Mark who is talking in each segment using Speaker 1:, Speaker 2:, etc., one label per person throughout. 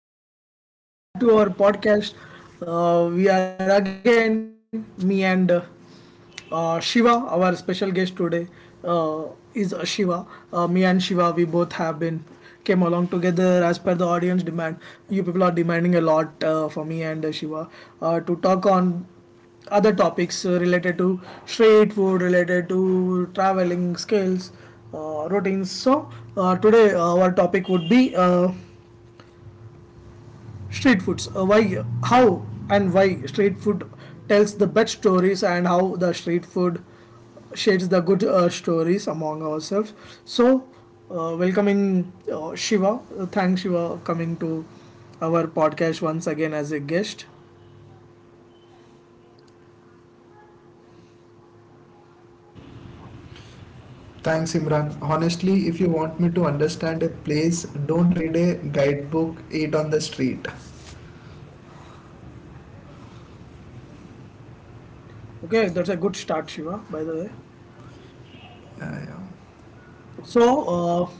Speaker 1: guys. Hello, guys. Welcome back to our podcast. We are here again, me and Shiva, our special guest today, uh, is Shiva. Me and Shiva, we both have been came along together as per the audience demand. You people are demanding a lot for me and Shiva to talk on other topics related to street food, related to traveling skills, routines. So today our topic would be street foods. Why? How and why street food tells the best stories and how the street food shades the good stories among ourselves. So, welcoming Shiva. Thanks Shiva coming to our podcast once again as a guest.
Speaker 2: Thanks, Imran. Honestly, if you want me to understand a place, don't read a guidebook, eat on the street.
Speaker 1: Okay, that's a good start, Shiva. By the way. So,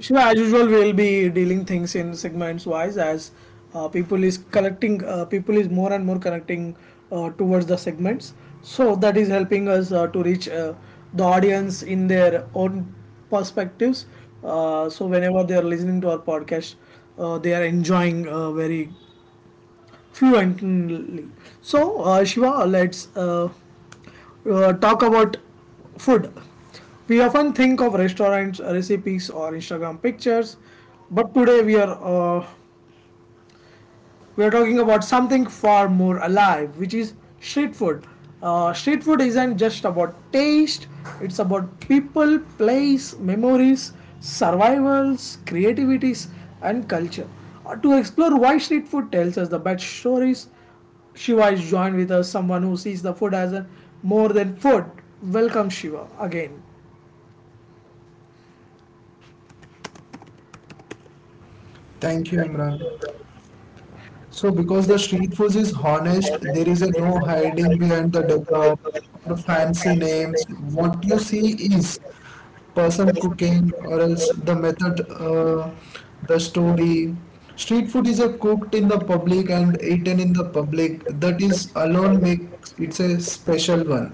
Speaker 1: Shiva, as usual, we'll be dealing things in segments wise as people is collecting, people is more and more connecting towards the segments. So that is helping us to reach the audience in their own perspectives. So whenever they are listening to our podcast, they are enjoying very fluently. So Shiva, let's talk about food. We often think of restaurants, recipes, or Instagram pictures, but today we're talking about something far more alive, which is street food. Street food isn't just about taste, it's about people, place, memories, survivals, creativities, and culture. To explore why street food tells us the best stories, Shiva is joined with us, someone who sees the food as a more than food. Welcome, Shiva, again.
Speaker 2: Thank you, Imran. So, because the street food is honest, there is a no hiding behind the decor or fancy names. What you see is person cooking, or else the method, the story. Street food is a cooked in the public and eaten in the public. That is alone makes it's a special one.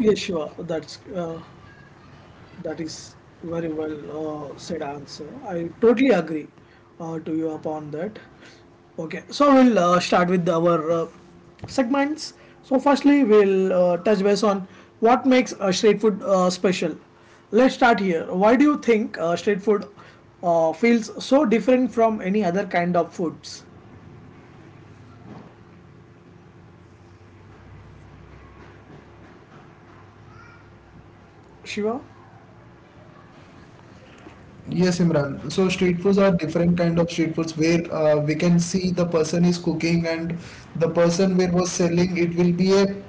Speaker 1: Yes, Shiva, that is very well said answer. I totally agree to you upon that. Okay, so we'll start with our segments. So firstly, we'll touch base on what makes street food special. Let's start here. Why do you think street food feels so different from any other kind of foods, Shiva?
Speaker 2: Yes, Imran. So street foods are different kind of street foods where we can see the person is cooking and the person where was selling it will be a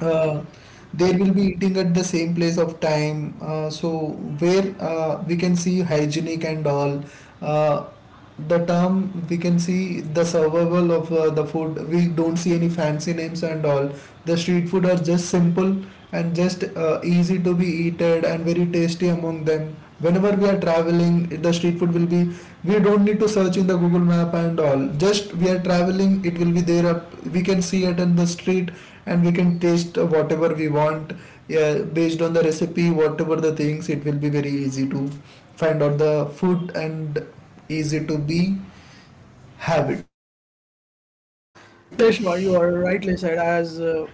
Speaker 2: uh, they will be eating at the same place of time. So where we can see hygienic and all. Uh, the term we can see the survival of the food we don't see any fancy names and all the street food are just simple and just easy to be eaten and very tasty among them whenever we are traveling the street food will be we don't need to search in the Google map and all just we are traveling it will be there up we can see it in the street and we can taste whatever we want, yeah, based on the recipe whatever the things it will be very easy to find out the food and easy to be habit.
Speaker 1: Yes, Shiva, you are rightly said. As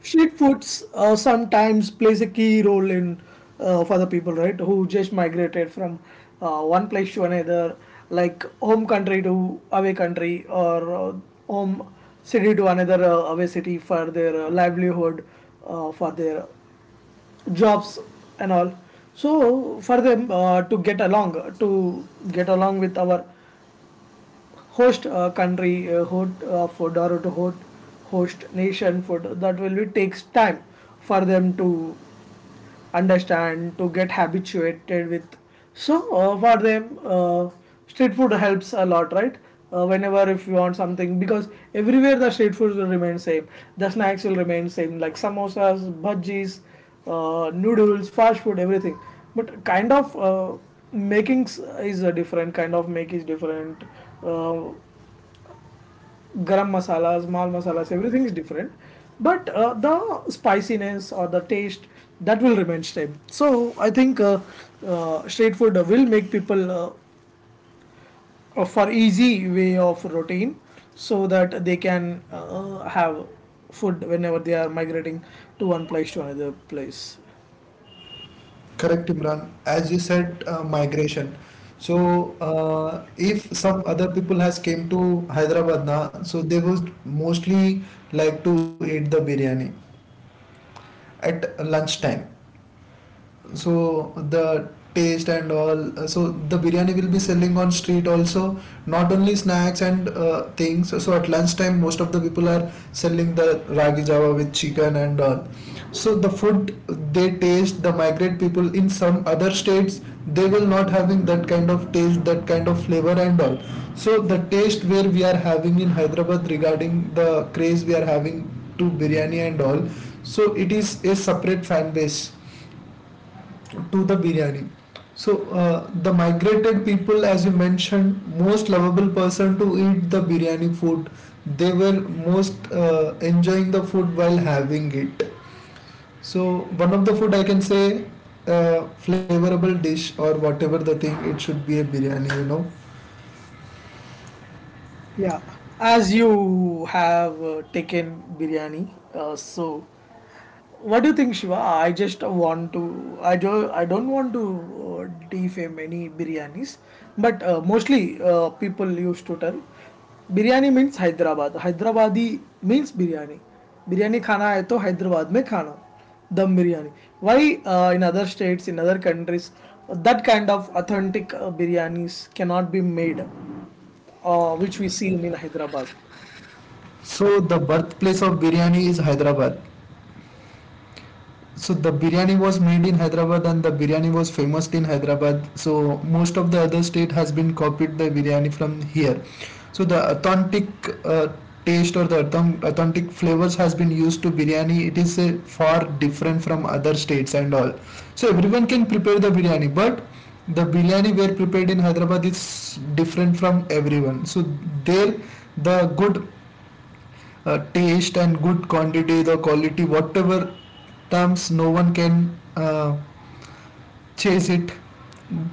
Speaker 1: street foods sometimes plays a key role in for the people, right? Who just migrated from one place to another, like home country to away country, or home city to another away city for their livelihood, for their jobs and all. So for them to get along with our host country host for or to host, host nation for that will be takes time for them to understand to get habituated with, so for them, street food helps a lot, right? Whenever if you want something, because everywhere the street food will remain same, the snacks will remain same, like samosas, bhajis, noodles, fast food, everything, but kind of makings is a different kind of make is different. uh, Garam masalas, mal masalas, everything is different. But the spiciness or the taste, that will remain same. So I think street food will make people for easy way of routine so that they can have food whenever they are migrating to one place to another place.
Speaker 2: Correct, Imran. As you said, migration. So if some other people has came to Hyderabad na, so they would mostly like to eat the biryani at lunchtime. So the taste and all, so the biryani will be selling on street also, not only snacks and things. So at lunchtime most of the people are selling the ragi java with chicken and all. So the food they taste the migrate people in some other states, they will not having that kind of taste, that kind of flavor and all. So the taste where we are having in Hyderabad regarding the craze we are having to biryani and all, so it is a separate fan base to the biryani. So the migrated people, as you mentioned, most lovable person to eat the biryani food. They were most enjoying the food while having it. So one of the food I can say, uh, flavorable dish or whatever the thing, it should be a biryani. You know.
Speaker 1: Yeah, as you have taken biryani, so what do you think, Shiva? I just want to. I do. I don't want to defame any biryanis, but mostly people used to tell biryani means Hyderabad. Hyderabadi means biryani. Biryani khana hai to Hyderabad mein khana. Dum biryani. Why in other states, in other countries, that kind of authentic biryanis cannot be made, which we see in Hyderabad.
Speaker 2: So the birthplace of biryani is Hyderabad. So the biryani was made in Hyderabad and the biryani was famous in Hyderabad, so most of the other state has been copied the biryani from here. So the authentic uh, taste or the authentic flavors has been used to biryani. It is far different from other states and all. So everyone can prepare the biryani, but the biryani were prepared in Hyderabad is different from everyone. So there the good taste and good quantity, the quality, whatever terms, no one can chase it.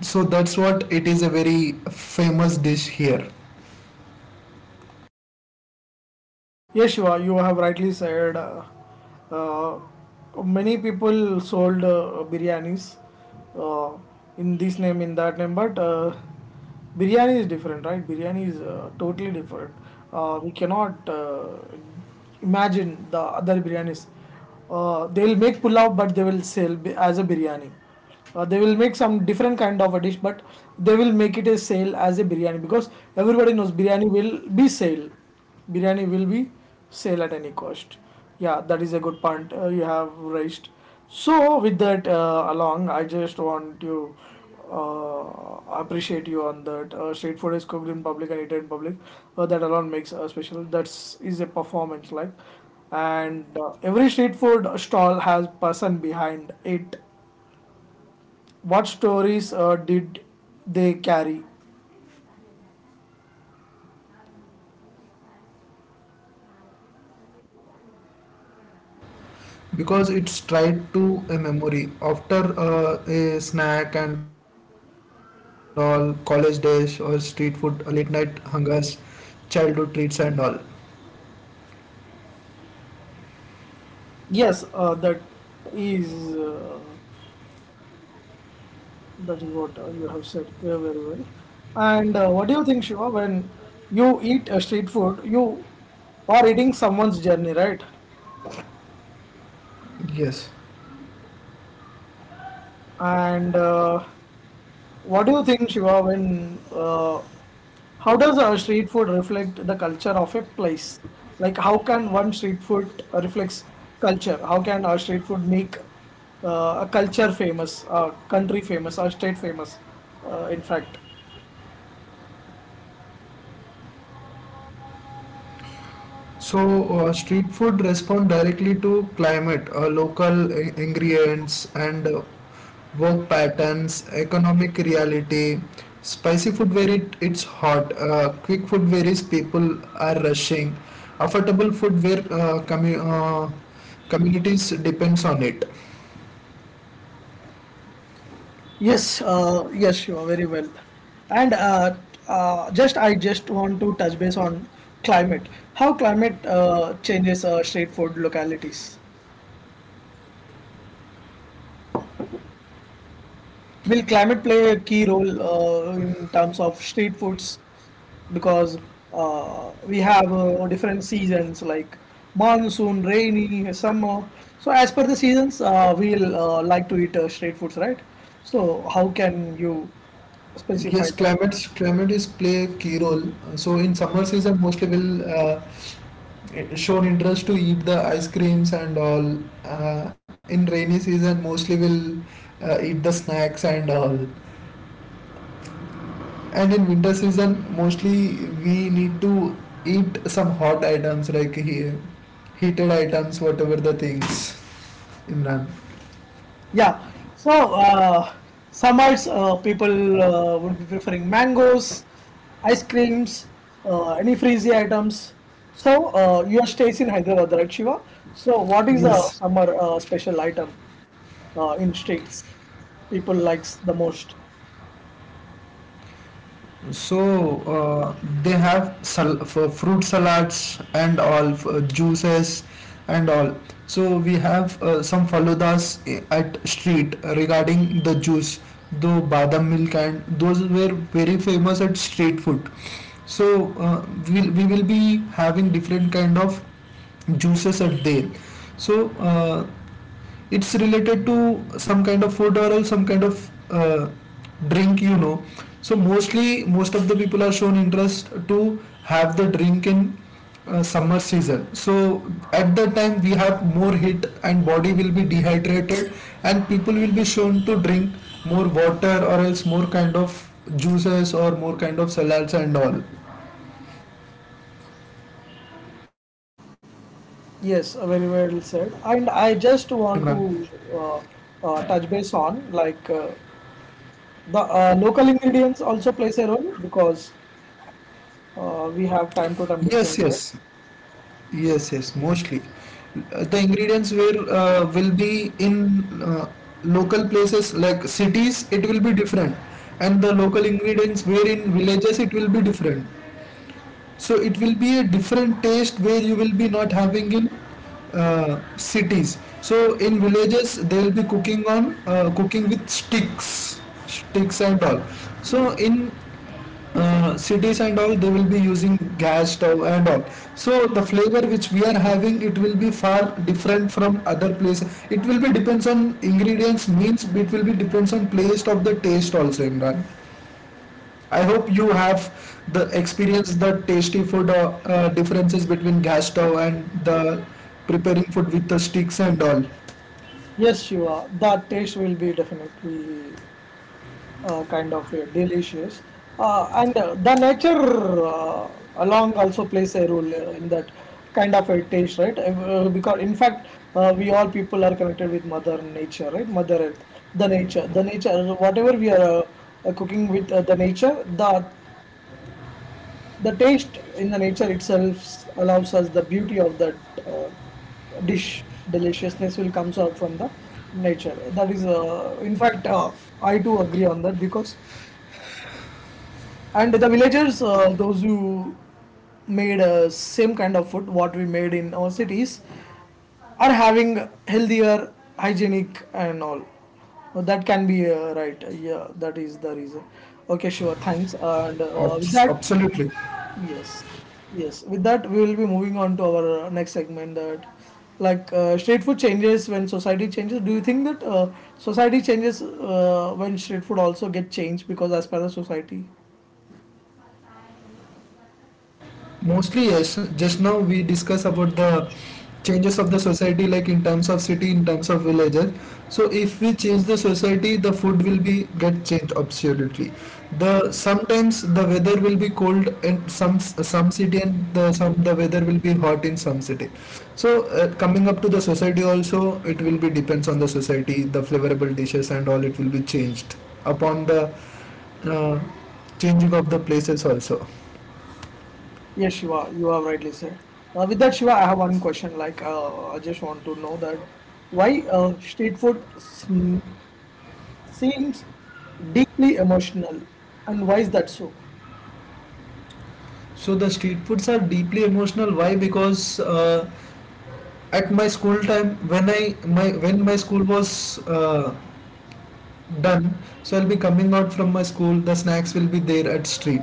Speaker 2: So that's what it is a very famous dish here,
Speaker 1: Yes, Shiva, you have rightly said. Uh, Many people sold biryanis uh, in this name, in that name, but biryani is different, right? Biryani is totally different. We cannot imagine the other biryanis. They will make pulao, but they will sell as a biryani. They will make some different kind of a dish, but they will make it a sale as a biryani because everybody knows biryani will be sale. Biryani will be sale at any cost. Yeah, that is a good point you have raised. So with that along, I just want to appreciate you on that. Street food is cooked in public and eaten in public. That alone makes a special. That's is a performance like, and every street food stall has person behind it. What stories did they carry?
Speaker 2: because it's tied to a memory after a snack and all college days or street food, late night hungers, childhood treats and all.
Speaker 1: Yes, is uh, that is what you have said very well. And what do you think, Shiva? When you eat street food, you are eating someone's journey, right?
Speaker 2: Yes.
Speaker 1: And what do you think, Shiva, when how does street food reflect the culture of a place? Like, how can one street food reflects culture? How can our street food make a culture famous, a country famous, or state famous? In fact,
Speaker 2: So, street food respond directly to climate, local ingredients, and work patterns, economic reality. Spicy food where it's hot, quick food where is people are rushing, affordable food where communities depends on it.
Speaker 1: yes, Shiva, very well. And just I just want to touch base on climate. How climate changes street food localities? Will climate play a key role in terms of street foods? Because we have different seasons like monsoon, rainy, summer. So as per the seasons, we'll like to eat street foods, right? So how can you specify
Speaker 2: Yes,
Speaker 1: that?
Speaker 2: climate is play a key role. So in summer season, mostly will shown interest to eat the ice creams and all. In rainy season, mostly will eat the snacks and all. And in winter season, mostly we need to eat some hot items like heated items, whatever the things, Imran.
Speaker 1: Yeah. So summers, people would be preferring mangoes, ice creams, any freezy items. So your stays in Hyderabad, right, Shiva? So what is the
Speaker 2: Yes.
Speaker 1: summer special item in streets people likes the most?
Speaker 2: So they have for fruit salads and all for juices and all. So we have some faludas, eh, at street regarding the juice, though badam milk and those were very famous at street food. So we will be having different kind of juices at there. So it's related to some kind of food or some kind of uh, drink, you know. So mostly most of the people are shown interest to have the drink in summer season. So at that time we have more heat and body will be dehydrated, and people will be shown to drink more water or else more kind of juices or more kind of salads and all,
Speaker 1: Yes, very well
Speaker 2: Imran.
Speaker 1: said. And I just want to uh, touch base on like the local ingredients also plays a role, because we have time to time
Speaker 2: Yes,
Speaker 1: difference, right?
Speaker 2: yes. Yes, yes, mostly. The ingredients will will be in local places like cities. It will be different, and the local ingredients where in villages it will be different. So it will be a different taste where you will be not having in cities. So in villages they will be cooking on cooking with sticks, sticks and all. So in cities and all they will be using gas stove and all. So the flavor which we are having, it will be far different from other place. It will be depends on ingredients, means it will be depends on place of the taste also, Imran. I hope you have the experience the tasty food differences between gas stove and the preparing food with the sticks and all.
Speaker 1: Yes, Shiva, the taste will be definitely kind of delicious. And the nature along also plays a role in that kind of a taste, right? If, because in fact, we all people are connected with Mother Nature, right? Mother Earth, the nature, whatever we are cooking with the nature, the taste in the nature itself allows us the beauty of that uh, dish, deliciousness will comes out from the nature. That is in fact I too agree on that, because and the villagers those who made same kind of food what we made in our cities are having healthier, hygienic and all. That can be right, yeah, that is the reason. Okay, sure, thanks, and with that
Speaker 2: Absolutely.
Speaker 1: Yes, yes. With that, we will be moving on to our next segment. That, like, street food changes when society changes. Do you think that society changes when street food also get changed because as per the society?
Speaker 2: Mostly yes, just now we discuss about the changes of the society like in terms of city, in terms of villages. So if we change the society the food will be get changed absolutely. The sometimes the weather will be cold in some city and the some the weather will be hot in some city. So coming up to the society also, it will be depends on the society. The flavorable dishes and all, it will be changed upon the uh, changing of the places also.
Speaker 1: Yes, Shiva, you are rightly said. With that, Shiva, I have one question. Like, I just want to know that why street food seems deeply emotional, and why is that so?
Speaker 2: So the street foods are deeply emotional. Why? Because at my school time, when I my when my school was done, so I'll be coming out from my school. The snacks will be there at street.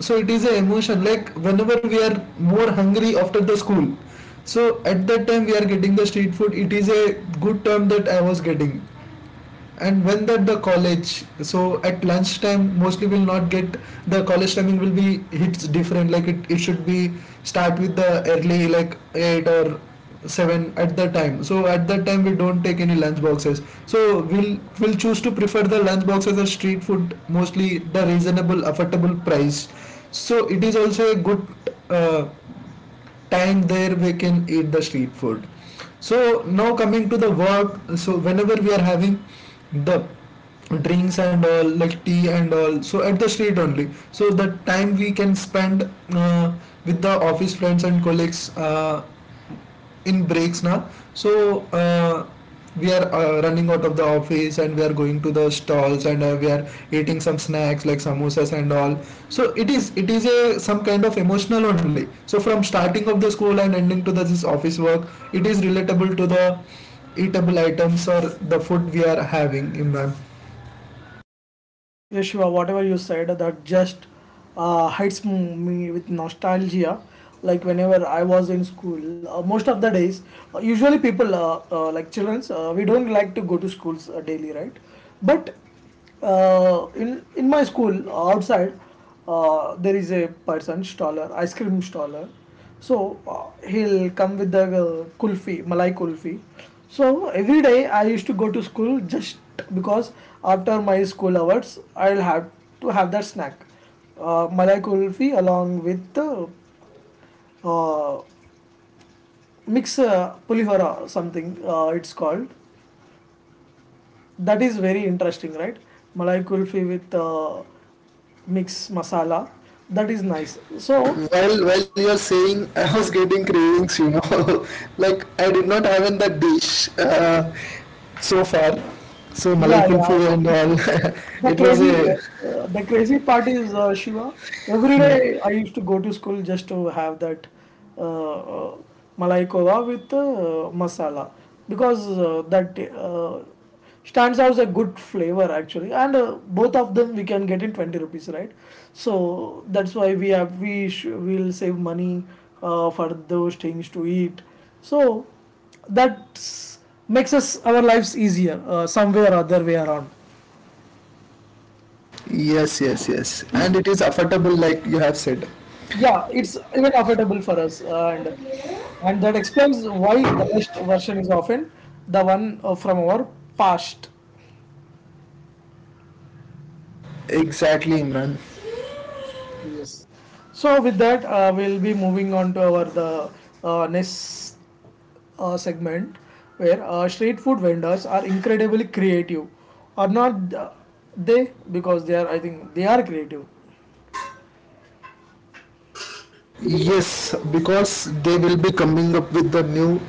Speaker 2: So it is a emotion. Like whenever we are more hungry after the school, so at that time we are getting the street food. It is a good term that I was getting. And when that the college, so at lunchtime mostly will not get. The college timing will be hits different, like it should be start with the early like 8 or 7. At that time, so at that time we don't take any lunch boxes, so we'll choose to prefer the lunch boxes or street food, mostly the reasonable affordable price. So it is also a good uh, time there we can eat the street food. So now coming to the work, so whenever we are having the drinks and all like tea and all, so at the street only. So the time we can spend uh, with the office friends and colleagues in breaks now. So we are running out of the office and we are going to the stalls and we are eating some snacks like samosas and all. So it is a some kind of emotional only. So from starting of the school and ending to this office work, it is relatable to the eatable items or the food we are having, Imran.
Speaker 1: Yes, Shiva, whatever you said, that just hits me with nostalgia. Like whenever I was in school, most of the days, usually people, like childrens, we don't like to go to schools daily, right? But in my school outside, there is a person staller ice cream staller. So he'll come with the kulfi malai kulfi. So every day I used to go to school just because after my school hours, I'll have to have that snack, malai kulfi, along with uh, mix pulihora, something it's called. That is very interesting, right? Malai kulfi with mix masala, that is nice. So
Speaker 2: Well, well, you're saying I was getting cravings, you know. Like I did not have in that dish so far. So malai
Speaker 1: yeah,
Speaker 2: kulfi and
Speaker 1: yeah.
Speaker 2: all.
Speaker 1: The
Speaker 2: It was
Speaker 1: crazy,
Speaker 2: a
Speaker 1: the crazy part is Shiva. Every
Speaker 2: uh,
Speaker 1: day I used to go to school just to have that uh, uh, malai kova with masala, because that stands out as a good flavor actually, and both of them we can get in 20 rupees, right? So that's why we will save money for those things to eat. So that makes us our lives easier some way or other way around.
Speaker 2: yes, yes, yes, and it is affordable, like you have said.
Speaker 1: Yeah, it's even affordable for us, and that explains why the best version is often the one from our past.
Speaker 2: Exactly, Imran.
Speaker 1: Yes. So with that, we'll be moving on to our the next segment, where street food vendors are incredibly creative, or not they, because they are, I think they are creative.
Speaker 2: Yes, because they will be coming up with the new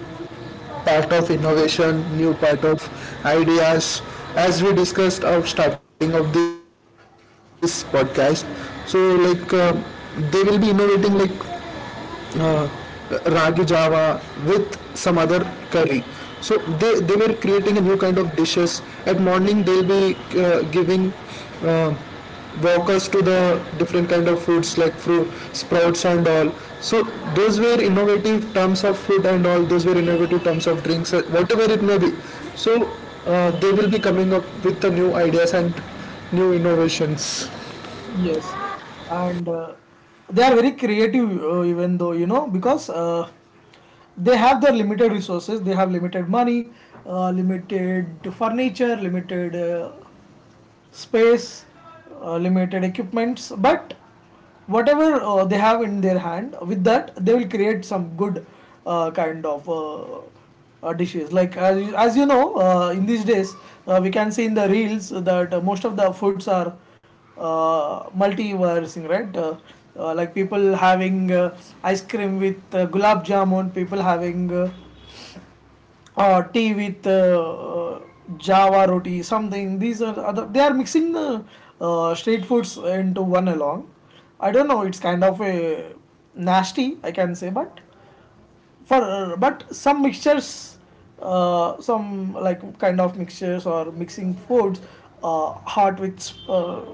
Speaker 2: part of innovation, new part of ideas. As we discussed out starting of this podcast, so like they will be innovating like uh, ragi java with some other curry. So they were creating a new kind of dishes at morning. They'll be giving uh, walkers to the different kind of foods like fruit sprouts and all. So those were innovative terms of food and all, those were innovative terms of drinks, whatever it may be. So they will be coming up with the new ideas and new innovations.
Speaker 1: Yes, and they are very creative, even though because they have their limited resources, they have limited money, limited furniture, limited space, limited equipments, but whatever they have in their hand, with that they will create some good uh, kind of uh, dishes. Like as you know, in these days we can see in the reels that most of the foods are multiversing, right? Like people having ice cream with gulab jamun, people having or tea with java roti something these are other they are mixing the street foods into one along. I don't know, it's kind of a nasty, I can say, but for but some mixtures, some like kind of mixtures or mixing foods, uh, hot with uh,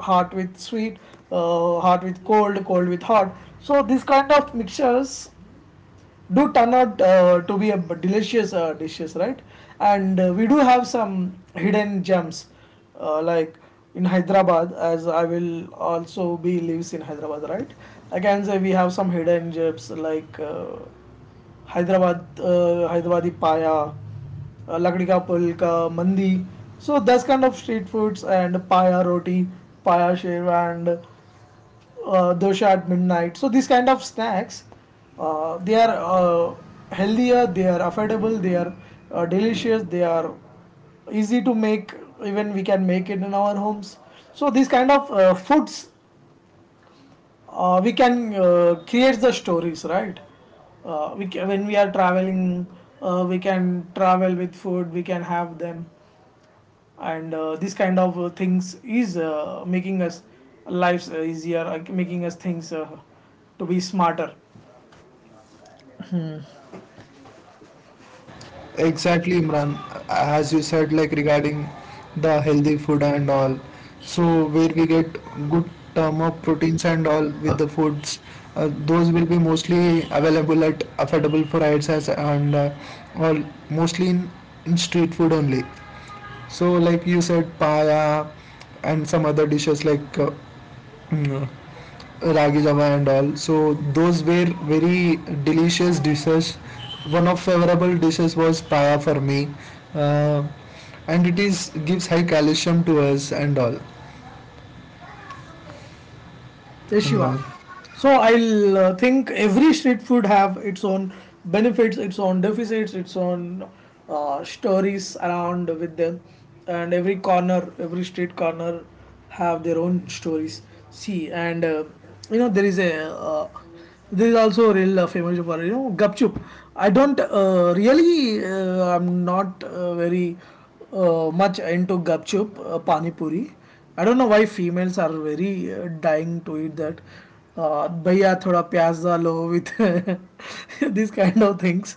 Speaker 1: hot with sweet, hot with cold, cold with hot. So these kind of mixtures do turn out to be a delicious dishes, right? And we do have some hidden gems, like in Hyderabad, as I will also be lives in Hyderabad, right? I can say we have some hidden gems like Hyderabad, Hyderabadi paya, lakdi ka pulka, mandi. So that's kind of street foods and paya roti, paya shev and dosha at midnight. So these kind of snacks, they are healthier, they are affordable, they are delicious, they are easy to make. Even we can make it in our homes. So these kind of foods, we can create the stories, right? When we are traveling, we can travel with food. We can have them, and this kind of things is making us lives easier, making us things to be smarter.
Speaker 2: Exactly, Imran. As you said, like regarding the healthy food and all. So where we get good term of proteins and all with the foods, those will be mostly available at affordable prices and all mostly in street food only. So like you said, paya and some other dishes like mm, ragi java and all. So those were very delicious dishes. One of favorable dishes was paya for me, uh, and it is gives high calcium to us and all,
Speaker 1: Yes, Shiva.
Speaker 2: Imran.
Speaker 1: So I'll think every street food have its own benefits, its own deficits, its own stories around with them, and every corner, every street corner, have their own stories. See, and you know there is also a real famous for you know gupchup. I don't really I'm not very much into gupchup, pani puri. I don't know why females are very dying to eat that. Bhaiya thoda pyaaz dalo with these kind of things,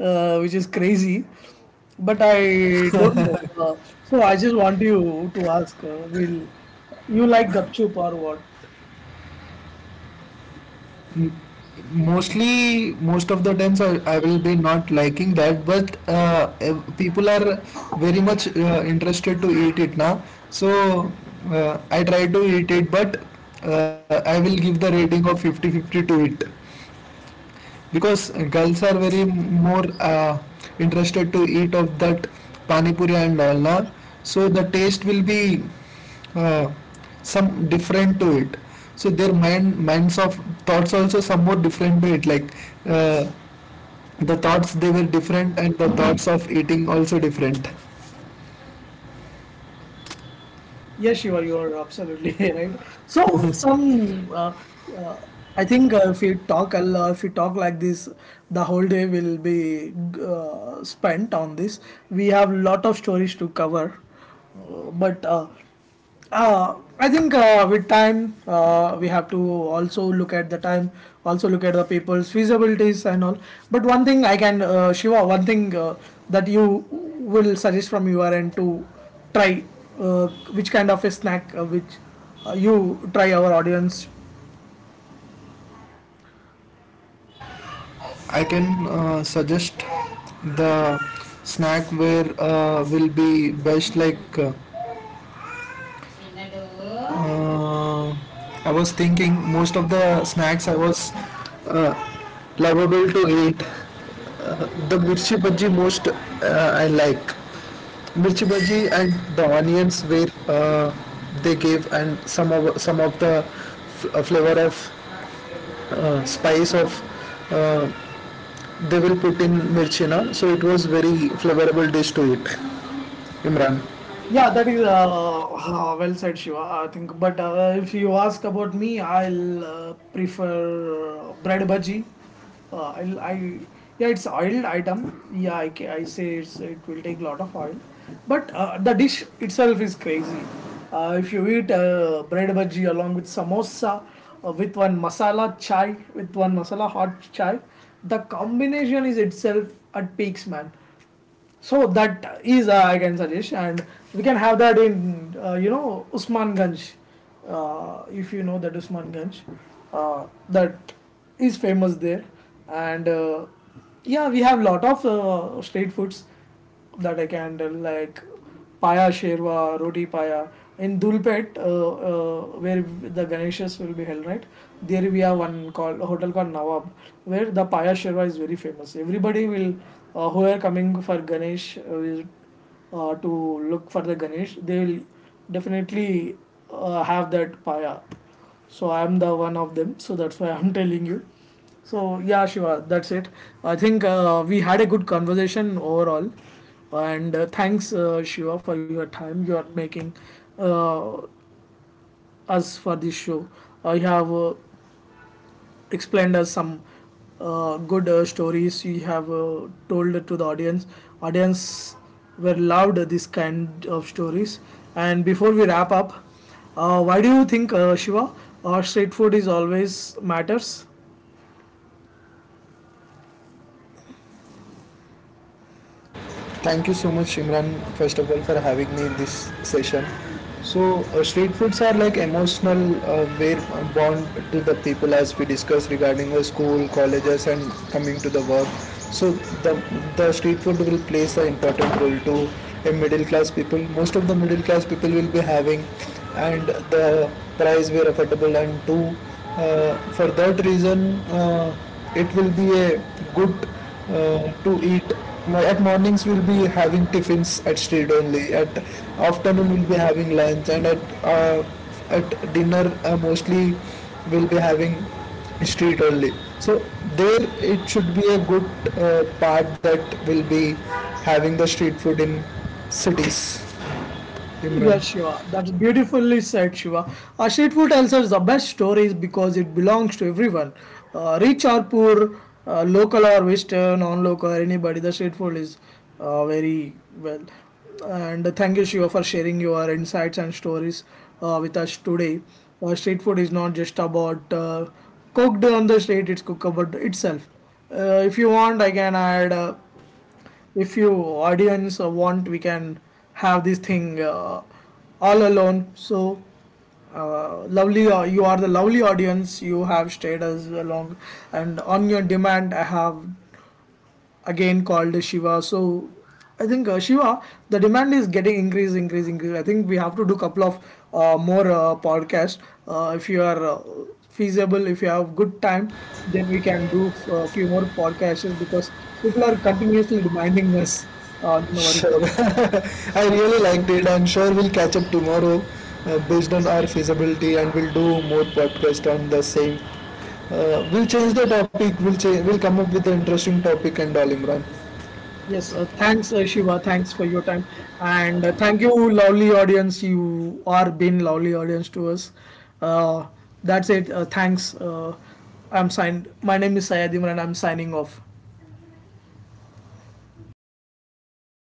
Speaker 1: which is crazy. But I don't know. So I just want you to ask, will you like gupchup or what?
Speaker 2: Mostly most of the times I will be not liking that, but eh, people are very much interested to eat it now. So I try to eat it, but I will give the rating of 50-50 to it, because girls are very more interested to eat of that pani puri and all na. So the taste will be uh, some different to it. So their minds of thoughts also some more different to it, like uh, the thoughts they were different and the thoughts of eating also different.
Speaker 1: Yes, Shiva, you are absolutely right. So, some uh, I think if we talk a lo- if we talk like this, the whole day will be spent on this. We have lot of stories to cover, but I think with time, we have to also look at the time, also look at the people's feasibilities and all. But one thing Shiva, one thing that you will suggest from your end to try, uh, which kind of a snack which you try our audience.
Speaker 2: I can suggest the snack where will be best like Uh, I was thinking most of the snacks I was uh, lovable to eat. The mirchi bhaji most I like. Mirchi bhaji and the onions where they gave and some of the flavor of spice of uh, they will put in mirchi na. So it was very flavorable dish to eat, Imran.
Speaker 1: Yeah, that is well said, Shiva. I think, but if you ask about me, I'll prefer bread bhaji. I'll, I yeah, it's oiled item. I say it will take lot of oil, but the dish itself is crazy. If you eat bread bhaji along with samosa, with one masala chai, with one masala hot chai, the combination is itself at peaks, man. So that is I can suggest, and we can have that in you know Usmanganj, if you know that Usmanganj, that is famous there, and yeah, we have lot of street foods that I can tell, like Paya Sherwa, Roti Paya. In Dulpet, where the Ganeshas will be held, right? There we have one called hotel called Nawab, where the Paya Sherwa is very famous. Everybody will, who are coming for Ganesh, to look for the Ganesh, they will definitely have that paya. So I am the one of them. So that's why I'm telling you. So yeah, Shiva, that's it. I think we had a good conversation overall, and thanks, Shiva, for your time you are making uh, us for this show. I have explained us some good stories you have told to the audience were loved this kind of stories. And before we wrap up, why do you think, Shiva, street food is always matters?
Speaker 2: Thank you so much, Imran, first of all, for having me in this session. So, street foods are like emotional, we're bound to the people as we discussed regarding the school, colleges, and coming to the work. So, the, the street food will plays an important role to a middle class people. Most of the middle class people will be having, and the price were affordable. And two, for that reason, it will be a good to eat, like at mornings we'll be having tiffins at street only. At afternoon we'll be having lunch, and at uh, at dinner mostly we'll be having street only. So there it should be a good part that will be having the street food in cities, Imran.
Speaker 1: Yeah, Shiva. That's beautifully said, Shiva. Street food tells us the best stories because it belongs to everyone. Rich or poor, local or Western, non-local, anybody, the street food is very well. And thank you, Shiva, for sharing your insights and stories with us today. Street food is not just about cooked on the street, it's cookable itself. If you want, I can add... If you audience want, we can have this thing all alone. So lovely, you are the lovely audience, you have stayed as along, and on your demand I have again called Shiva. So I think, Shiva, the demand is getting increase, increase, increase. I think we have to do couple of more podcasts. If you are feasible, if you have good time, then we can do a few more podcasts because people are continuously demanding us on our
Speaker 2: Sure.
Speaker 1: podcast.
Speaker 2: I really liked it. And sure, we'll catch up tomorrow based on our feasibility, and we'll do more podcast on the same. We'll change the topic. We'll change. We'll come up with an interesting topic and all, Imran.
Speaker 1: Yes, thanks, Shiva. Thanks for your time, and thank you, lovely audience. You are been lovely audience to us. Uh, that's it. Thanks. I'm signed. My name is Sayed Imran. I'm signing off.